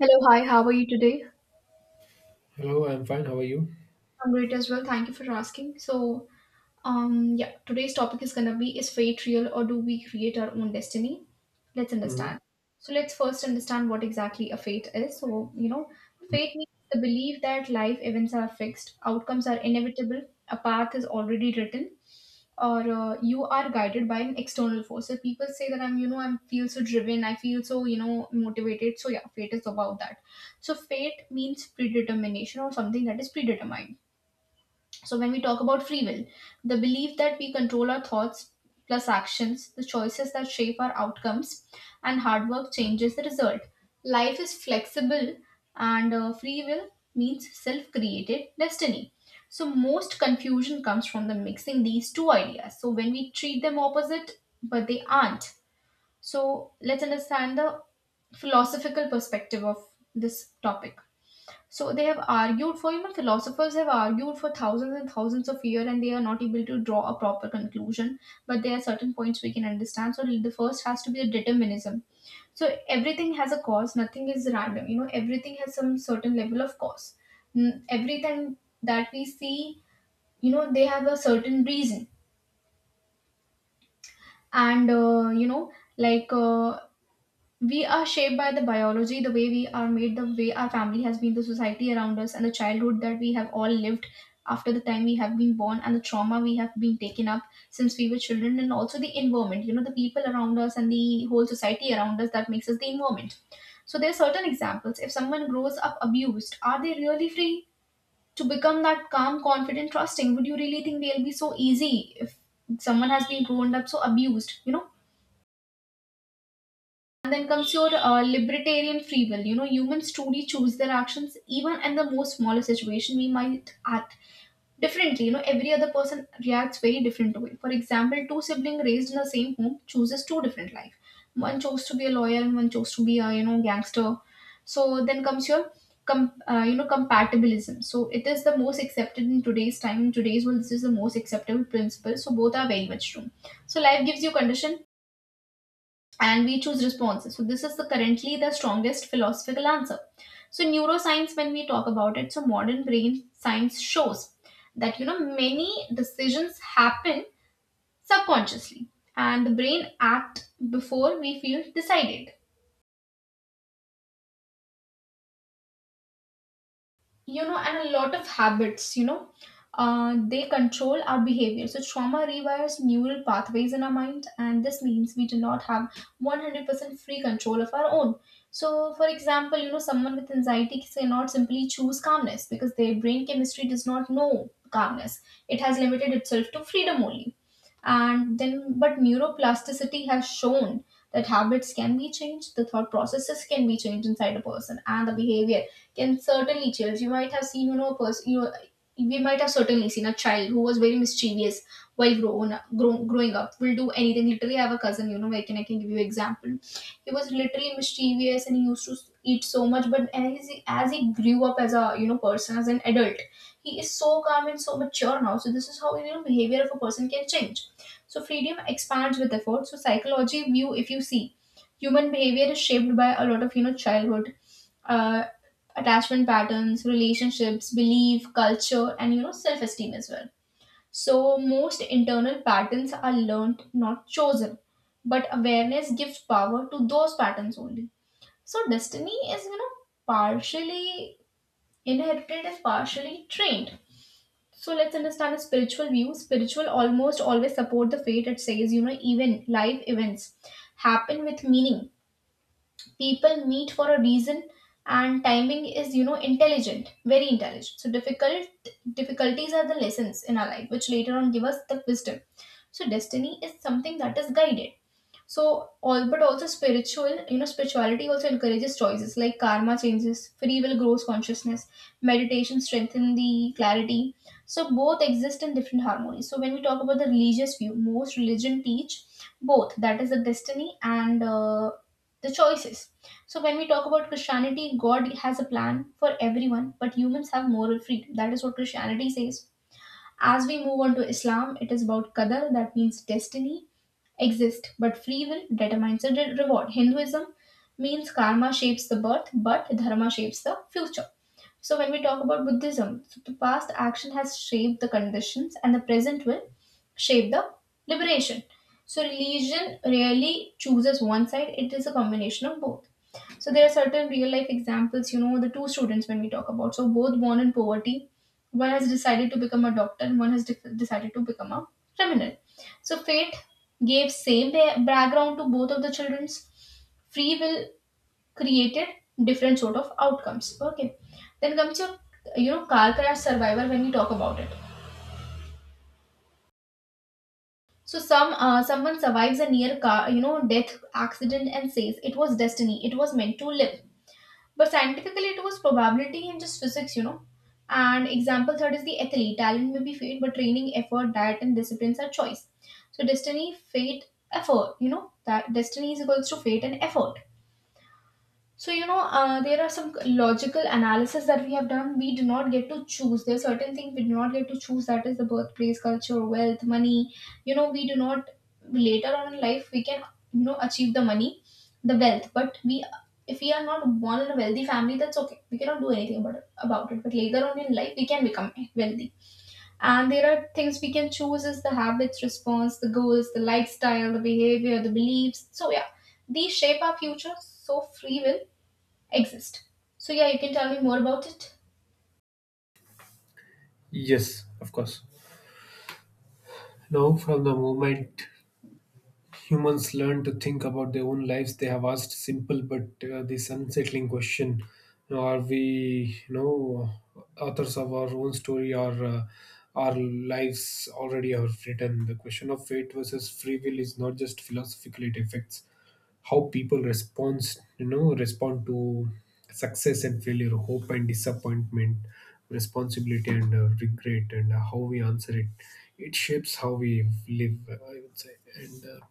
Hello, hi, how are you today? Hello, I'm fine. How are you? I'm great as well. Thank you for asking. So, yeah, today's topic is gonna be is fate real or do we create our own destiny? Let's Mhm. understand. So, let's first understand what exactly a fate is. So, fate means the belief that life events are fixed, outcomes are inevitable, a path is already written, or you are guided by an external force. So people say that I am feel so driven, I feel so motivated. So yeah, fate is about that. So fate means predetermination or something that is predetermined. So, when we talk about free will, the belief that we control our thoughts plus actions, the choices that shape our outcomes, and hard work changes the result. Life is flexible, and free will means self created destiny. So, most confusion comes from the mixing these two ideas. So, when we treat them opposite, but they aren't. So, let's understand the philosophical perspective of this topic. So they have argued for, you know, philosophers have argued for thousands and thousands of years and they are not able to draw a proper conclusion. But there are certain points we can understand. So the first has to be the determinism. So everything has a cause, nothing is random. Everything has some certain level of cause. Everything that we see they have a certain reason. And, like we are shaped by the biology, the way we are made, the way our family has been, the society around us, and the childhood that we have all lived after the time we have been born, and the trauma we have been taken up since we were children, and also the environment the people around us and the whole society around us that makes us the environment. So, there are certain examples. If someone grows up abused, are they really free to become that calm, confident, trusting? Would you really think they'll be so easy if someone has been grown up so abused, you know? And then comes your libertarian free will. Humans truly choose their actions, even in the most smaller situation, we might act differently. Every other person reacts very different way. For example, two siblings raised in the same home chooses two different life. One chose to be a lawyer, and one chose to be a gangster. So then comes your compatibilism. So it is the most accepted in today's time. In today's world, this is the most acceptable principle. So both are very much true. So life gives you condition and we choose responses. So this is the currently the strongest philosophical answer. So neuroscience, when we talk about it, so modern brain science shows that many decisions happen subconsciously, and the brain act before we feel decided. You know and a lot of habits they control our behavior. So trauma rewires neural pathways in our mind, and this means we do not have 100% free control of our own. So for example, someone with anxiety cannot simply choose calmness because their brain chemistry does not know calmness. It has limited itself to freedom only. And then but neuroplasticity has shown that habits can be changed, the thought processes can be changed inside a person, and the behavior can certainly change. You might have seen a person we might have certainly seen a child who was very mischievous while growing up, will do anything. Literally, I have a cousin I can give you example. He was literally mischievous and he used to eat so much, but as he grew up as a person, as an adult, he is so calm and so mature now. So this is how behavior of a person can change. So freedom expands with effort. So psychology view, if you see, human behavior is shaped by a lot of childhood uh, attachment patterns, relationships, belief, culture, and self esteem as well. So, most internal patterns are learned, not chosen, but awareness gives power to those patterns only. So, destiny is partially inherited and partially trained. So, let's understand a spiritual view. Spiritual almost always support the fate, it says even life events happen with meaning, people meet for a reason, and timing is intelligent, very intelligent. So difficulties are the lessons in our life which later on give us the wisdom. So destiny is something that is guided. So all but also spirituality also encourages choices like karma changes, free will grows consciousness, meditation strengthen the clarity. So both exist in different harmony. So when we talk about the religious view, most religion teach both, that is the destiny and the choices. So when we talk about Christianity, God has a plan for everyone, but humans have moral freedom. That is what Christianity says. As we move on to Islam, it is about qadar, that means destiny exist, but free will determines the reward. Hinduism means karma shapes the birth, but dharma shapes the future. So, when we talk about Buddhism, so the past action has shaped the conditions and the present will shape the liberation. So, religion rarely chooses one side, it is a combination of both. So there are certain real life examples the two students when we talk about. So both born in poverty, one has decided to become a doctor and one has decided to become a criminal. So fate gave same background to both of the children's free will created different sort of outcomes. Okay. Then comes your car crash survivor when we talk about it. So someone survives a near car death accident and says it was destiny, it was meant to live. But scientifically, it was probability and just physics. And example third is the athlete. Talent may be fate, but training, effort, diet, and disciplines are choice. So destiny, fate, effort. You know that destiny is equals to fate and effort. So, there are some logical analysis that we have done. We do not get to choose. There are certain things we do not get to choose. That is the birthplace, culture, wealth, money. We do not, later on in life, we can achieve the money, the wealth. But we, if we are not born in a wealthy family, that's okay. We cannot do anything about it. About it. But later on in life, we can become wealthy. And there are things we can choose is the habits, response, the goals, the lifestyle, the behavior, the beliefs. So, yeah, these shape our future. So, free will exist. So yeah, you can tell me more about it. Yes, of course. Now, from the moment humans learn to think about their own lives, they have asked simple but this unsettling question: are we, authors of our own story, or our lives already are written? The question of fate versus free will is not just philosophical; it affects how people respond, respond to success and failure, hope and disappointment, responsibility and regret, and how we answer it. It shapes how we live, I would say. And.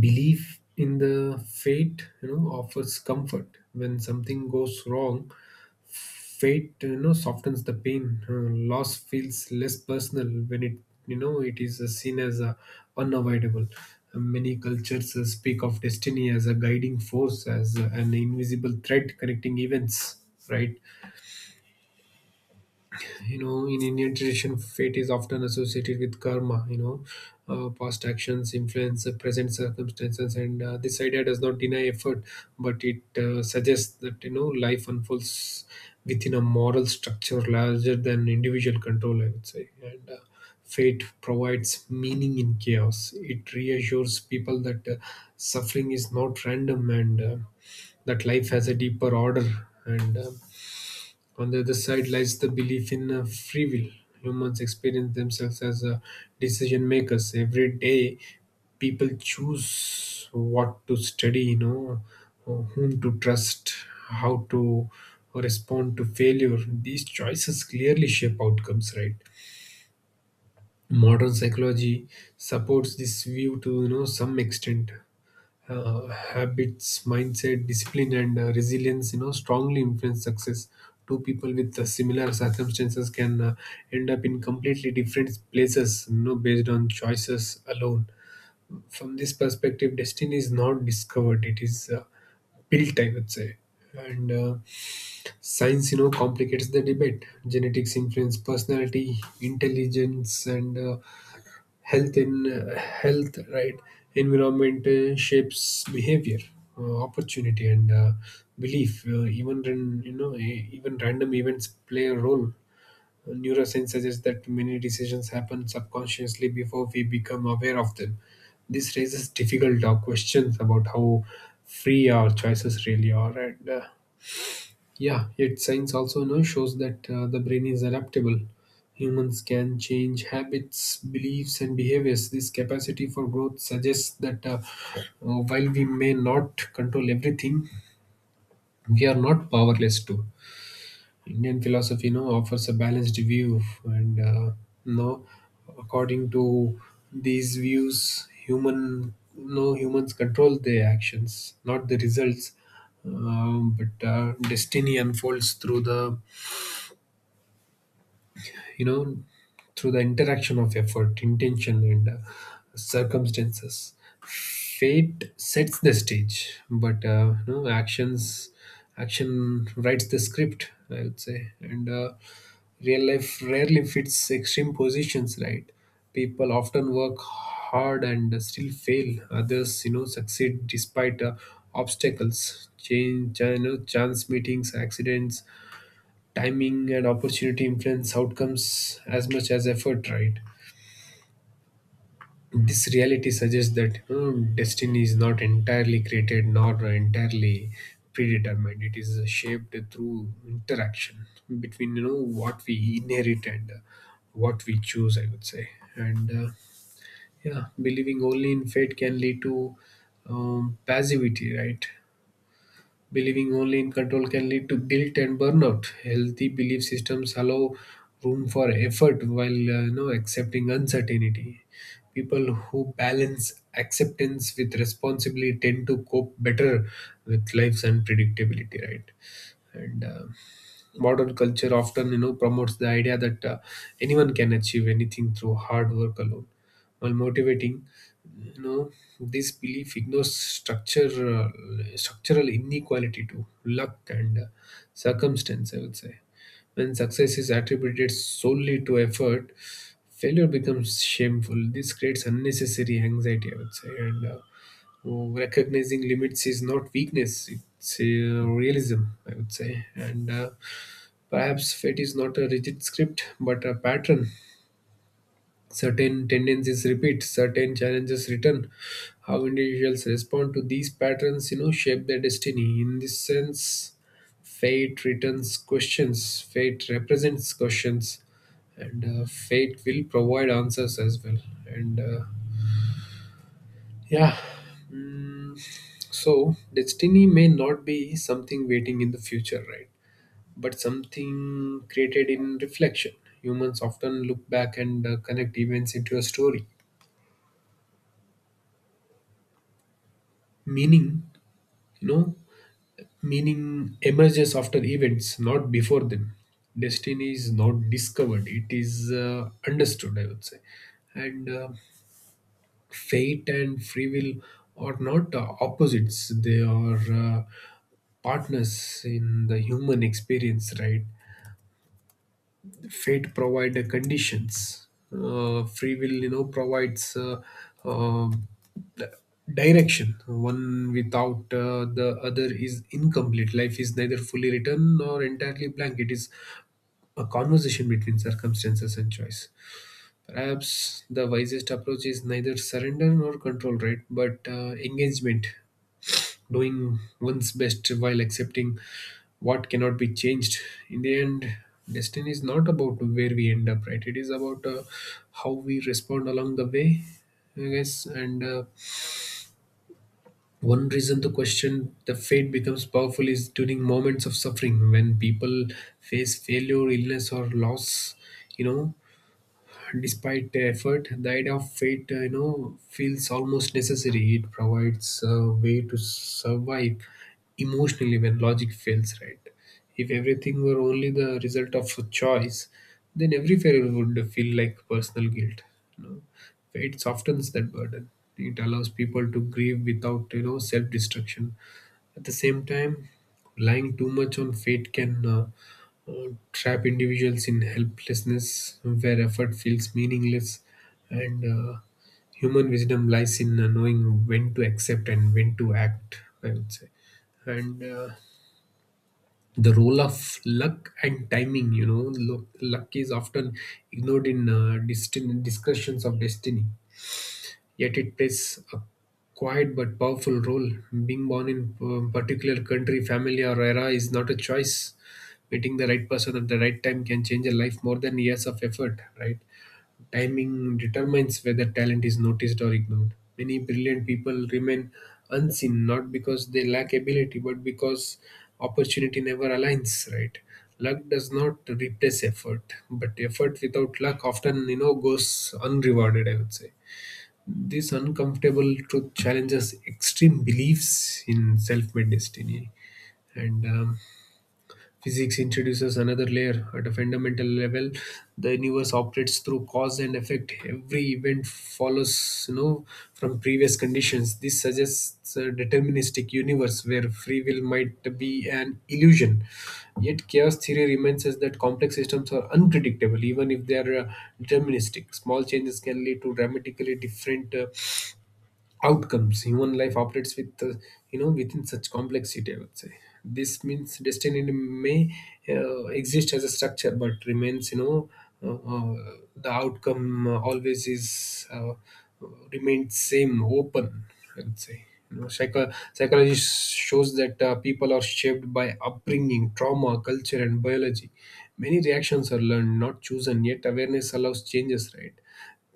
Belief in the fate offers comfort when something goes wrong. Fate softens the pain. Loss feels less personal when it you know it is seen as unavoidable. Many cultures speak of destiny as a guiding force, as an invisible thread connecting events, right? In Indian tradition, fate is often associated with karma. Past actions influence the present circumstances, and this idea does not deny effort, but it suggests that life unfolds within a moral structure larger than individual control, I would say. And Fate provides meaning in chaos. It reassures people that suffering is not random, and that life has a deeper order. And On the other side lies the belief in free will. Humans experience themselves as decision makers. Every day, people choose what to study, whom to trust, how to respond to failure. These choices clearly shape outcomes, right? Modern psychology supports this view to some extent. Habits, mindset, discipline, and resilience, strongly influence success. Two people with similar circumstances can end up in completely different places, based on choices alone. From this perspective, destiny is not discovered; it is built, I would say. And Science, complicates the debate. Genetics influence personality, intelligence, and health in health, right? Environment shapes behavior, opportunity, and belief. Even even random events play a role. Neuroscience suggests that many decisions happen subconsciously before we become aware of them. This raises difficult questions about how free our choices really are. And Yeah, yet science also now shows that the brain is adaptable. Humans can change habits, beliefs, and behaviors. This capacity for growth suggests that uh, while we may not control everything, we are not powerless too. Indian philosophy, offers a balanced view, you know, according to these views, humans control their actions, not the results. But destiny unfolds through the you know through the interaction of effort, intention, and circumstances. Fate sets the stage, but action writes the script, I would say. And Real life rarely fits extreme positions, right? People often work hard and still fail. Others succeed despite obstacles. Change, chance meetings, accidents, timing, and opportunity influence outcomes as much as effort, right? This reality suggests that you destiny is not entirely created nor entirely predetermined. It is shaped through interaction between what we inherit and what we choose, I would say. And Yeah, believing only in fate can lead to passivity, right? Believing only in control can lead to guilt and burnout. Healthy belief systems allow room for effort while accepting uncertainty. People who balance acceptance with responsibility tend to cope better with life's unpredictability, right? and Modern culture often promotes the idea that anyone can achieve anything through hard work alone. While motivating, you know this belief ignores structure uh, structural inequality to luck and circumstance, I would say. When success is attributed solely to effort, failure becomes shameful. This creates unnecessary anxiety, I would say. And So recognizing limits is not weakness; it's realism, I would say. And Perhaps fate is not a rigid script, but a pattern. Certain tendencies repeat, certain challenges return. How individuals respond to these patterns, shape their destiny. In this sense, fate returns questions. Fate represents questions, and fate will provide answers as well. And Yeah. Mm, so destiny may not be something waiting in the future, right? But something created in reflection. Humans often look back and connect events into a story. Meaning, you know, Meaning emerges after events, not before them. Destiny is not discovered, it is understood, I would say. And Fate and free will are not opposites. They are partners in the human experience, right? Fate provide the conditions, free will provides uh, the direction. One without the other is incomplete. Life is neither fully written nor entirely blank. It is a conversation between circumstances and choice. Perhaps the wisest approach is neither surrender nor control, right? But engagement, doing one's best while accepting what cannot be changed. In the end, destiny is not about where we end up, right? It is about how we respond along the way, I guess. And One reason to question the fate becomes powerful is during moments of suffering when people face failure, illness, or loss. You know, despite the effort, the idea of fate, feels almost necessary. It provides a way to survive emotionally when logic fails, right? If everything were only the result of a choice, then every failure would feel like personal guilt. You know, fate softens that burden. It allows people to grieve without, self-destruction. At the same time, relying too much on fate can trap individuals in helplessness where effort feels meaningless. And Human wisdom lies in knowing when to accept and when to act, I would say. And The role of luck and timing, luck is often ignored in discussions of destiny, yet it plays a quiet but powerful role. Being born in a particular country, family, or era is not a choice. Meeting the right person at the right time can change a life more than years of effort, right? Timing determines whether talent is noticed or ignored. Many brilliant people remain unseen, not because they lack ability, but because opportunity never aligns, right? Luck does not replace effort, but effort without luck often, goes unrewarded, I would say. This uncomfortable truth challenges extreme beliefs in self made destiny. And Physics introduces another layer. At a fundamental level, the universe operates through cause and effect. Every event follows, from previous conditions. This suggests a deterministic universe where free will might be an illusion. Yet, chaos theory reminds us that complex systems are unpredictable, even if they are deterministic. Small changes can lead to dramatically different outcomes. Human life operates with within such complexity, I would say. This means destiny may exist as a structure, but remains, the outcome always is remains same open, I would say. Psychology shows that people are shaped by upbringing, trauma, culture, and biology. Many reactions are learned, not chosen, yet awareness allows changes, right?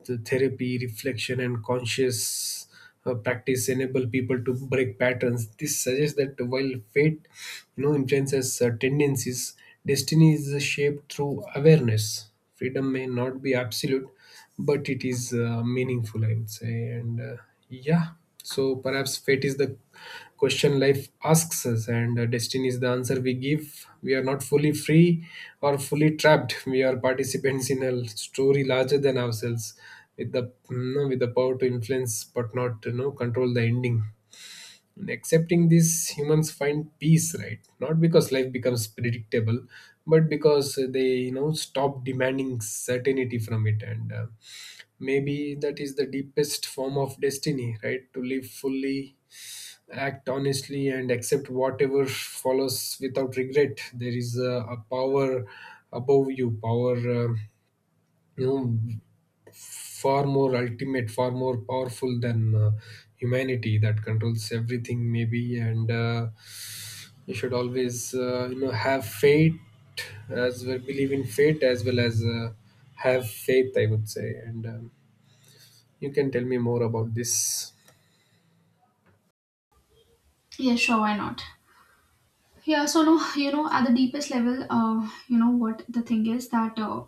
The therapy, reflection, and conscious practice enable people to break patterns. This suggests that while fate, influences tendencies, destiny is shaped through awareness. Freedom may not be absolute, but it is meaningful, I would say. And Yeah, so perhaps fate is the question life asks us, and destiny is the answer we give. We are not fully free or fully trapped. We are participants in a story larger than ourselves, with the power to influence but not control the ending. In accepting this, humans find peace, right? Not because life becomes predictable, but because they stop demanding certainty from it. And. Maybe that is the deepest form of destiny, right? To live fully, act honestly, and accept whatever follows without regret. There is a power above you, power, you know, far more ultimate, far more powerful than humanity, that controls everything, maybe. And You should always, have faith as well, believe in fate as well as have faith, I would say. And You can tell me more about this. Yeah, sure, why not? Yeah, so no at the deepest level, what the thing is that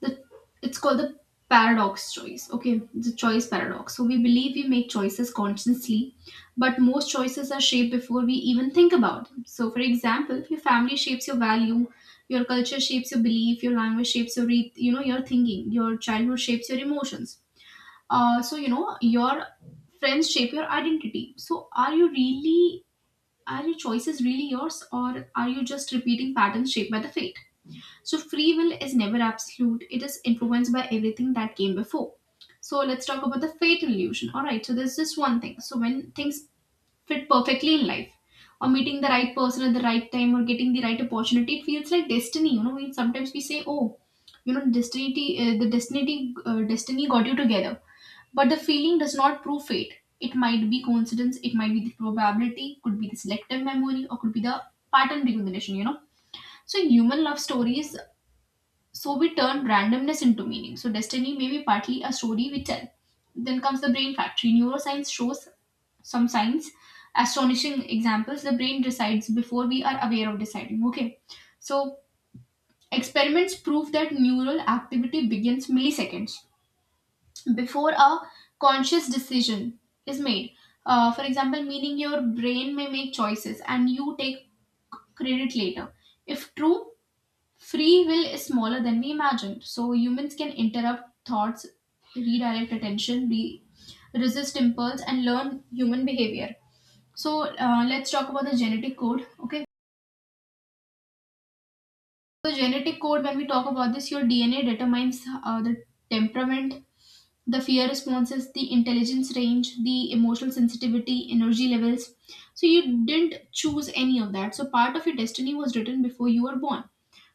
the it's called the paradox choice. Okay, the choice paradox. So we believe we make choices consciously, but most choices are shaped before we even think about them. So, for example, your family shapes your value, your culture shapes your belief, your language shapes your your thinking, your childhood shapes your emotions. So your friends shape your identity. So are your choices really yours, or are you just repeating patterns shaped by the fate? So free will is never absolute, it is influenced by everything that came before. So let's talk about the fate illusion. All right, so there's just one thing. So when things fit perfectly in life, or meeting the right person at the right time, or getting the right opportunity, it feels like destiny. We sometimes we say, oh, you know, destiny the destiny destiny got you together. But the feeling does not prove fate. It might be coincidence, it might be the probability, could be the selective memory, or could be the pattern recognition. So in human love stories, so we turn randomness into meaning. So destiny may be partly a story we tell. Then comes the brain factory. Neuroscience shows some signs, astonishing examples. The brain decides before we are aware of deciding. Okay. So experiments prove that neural activity begins milliseconds before a conscious decision is made. For example, meaning your brain may make choices and you take credit later. If true, free will is smaller than we imagined. So humans can interrupt thoughts, redirect attention, resist impulse, and learn human behavior. So let's talk about the genetic code. Okay. So genetic code, when we talk about this, your DNA determines the temperament, the fear responses, the intelligence range, the emotional sensitivity, energy levels. So you didn't choose any of that. So part of your destiny was written before you were born.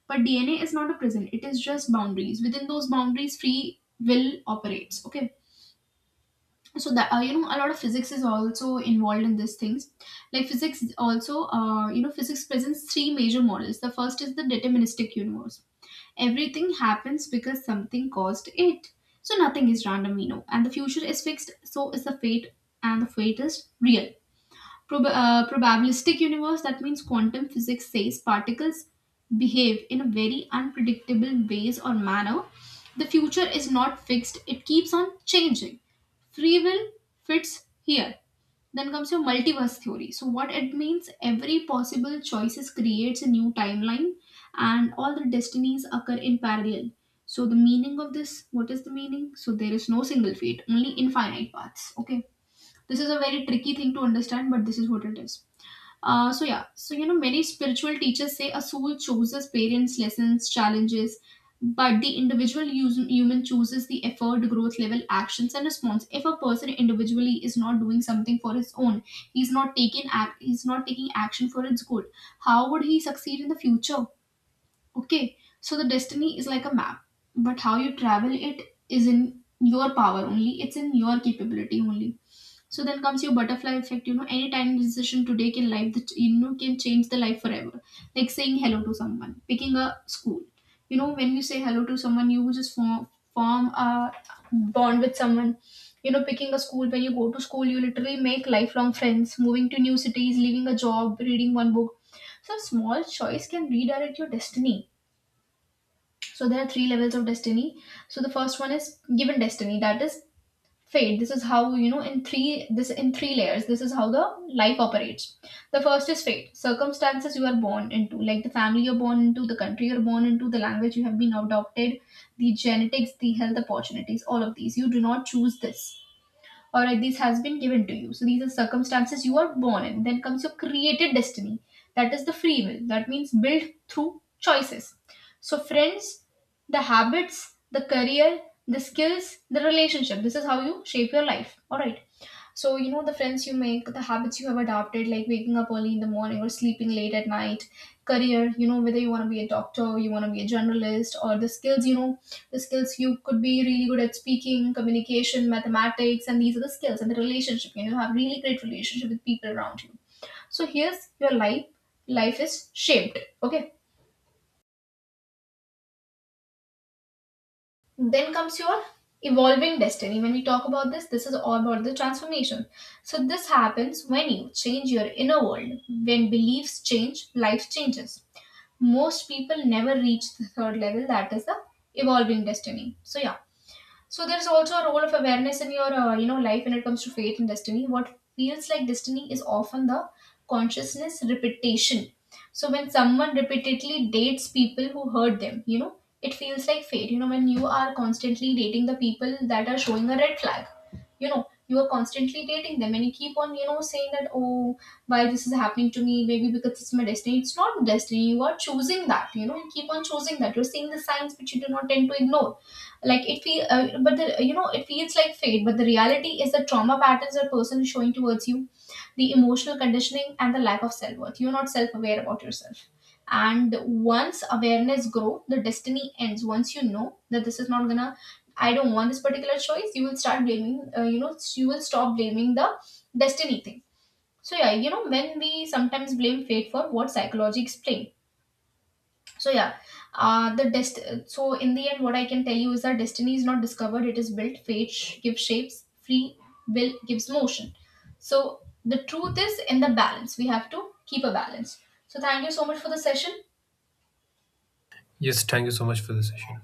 But DNA is not a prison. It is just boundaries. Within those boundaries, free will operates. Okay. So that a lot of physics is also involved in these things. Like physics, also, physics presents three major models. The first is the deterministic universe. Everything happens because something caused it. So nothing is random, we know. And the future is fixed, so is the fate, and the fate is real. Probabilistic universe, that means quantum physics says particles behave in a very unpredictable ways or manner. The future is not fixed, it keeps on changing. Free will fits here. Then comes your multiverse theory. So, what it means, every possible choices creates a new timeline and all the destinies occur in parallel. So, the meaning of this, what is the meaning? So, there is no single fate, only infinite paths. Okay, this is a very tricky thing to understand, but this is what it is. So yeah, so you know, many spiritual teachers say a soul chooses parents, lessons, challenges, but the individual human chooses the effort, growth level, actions, and response. If a person individually is not doing something for his own, he's not taking act, he's not taking action for its good. How would he succeed in the future? Okay, so the destiny is like a map, but how you travel it is in your power only. It's in your capability only. So then comes your butterfly effect. You know, any tiny decision today take in life that you know can change the life forever. Like saying hello to someone, picking a school. You know, when you say hello to someone, you just form a bond with someone. You know, picking a school. When you go to school, you literally make lifelong friends. Moving to new cities, leaving a job, reading one book. Some small choice can redirect your destiny. So there are three levels of destiny. So the first one is given destiny. That is fate. This is how, you know, in three layers, this is how the life operates. The first is fate. Circumstances you are born into, like the family you're born into, the country you're born into, the language you have been adopted, the genetics, the health, opportunities, all of these you do not choose this. All right, this has been given to you, so these are circumstances you are born in. Then comes your created destiny. That is the free will, that means built through choices. So friends, the habits, the career, the skills, the relationship, this is how you shape your life. All right, so, you know, the friends you make, the habits you have adopted, like waking up early in the morning or sleeping late at night, career, you know, whether you want to be a doctor, you want to be a journalist, or the skills, you know, the skills you could be really good at speaking, communication, mathematics, and these are the skills, and the relationship, you know, have really great relationship with people around you. So, here's your life. Life is shaped, okay? Then comes your evolving destiny. When we talk about this, this is all about the transformation. So, this happens when you change your inner world. When beliefs change, life changes. Most people never reach the third level, that is the evolving destiny. So, yeah. So there's also a role of awareness in your life when it comes to fate and destiny. What feels like destiny is often the consciousness repetition. So when someone repeatedly dates people who hurt them, you know it feels like fate. You know, when you are constantly dating the people that are showing a red flag, you know you are constantly dating them and you keep on, you know, saying that, oh, why this is happening to me, maybe because it's my destiny. It's not destiny. You are choosing that. You know you keep on choosing that. You're seeing the signs which you do not tend to ignore, like it feel but the you know it feels like fate, but the reality is the trauma patterns a person is showing towards you, the emotional conditioning and the lack of self-worth. You're not self-aware about yourself, and once awareness grow, the destiny ends. Once you know that this is not gonna, I don't want this particular choice, you will start blaming you know you will stop blaming the destiny thing. So yeah, you know, when we sometimes blame fate for what psychology explains. So yeah. The dest So in the end, what I can tell you is that destiny is not discovered, it is built. Gives shapes, free will gives motion. So the truth is in the balance, we have to keep a balance. So thank you so much for the session. Yes, thank you so much for the session.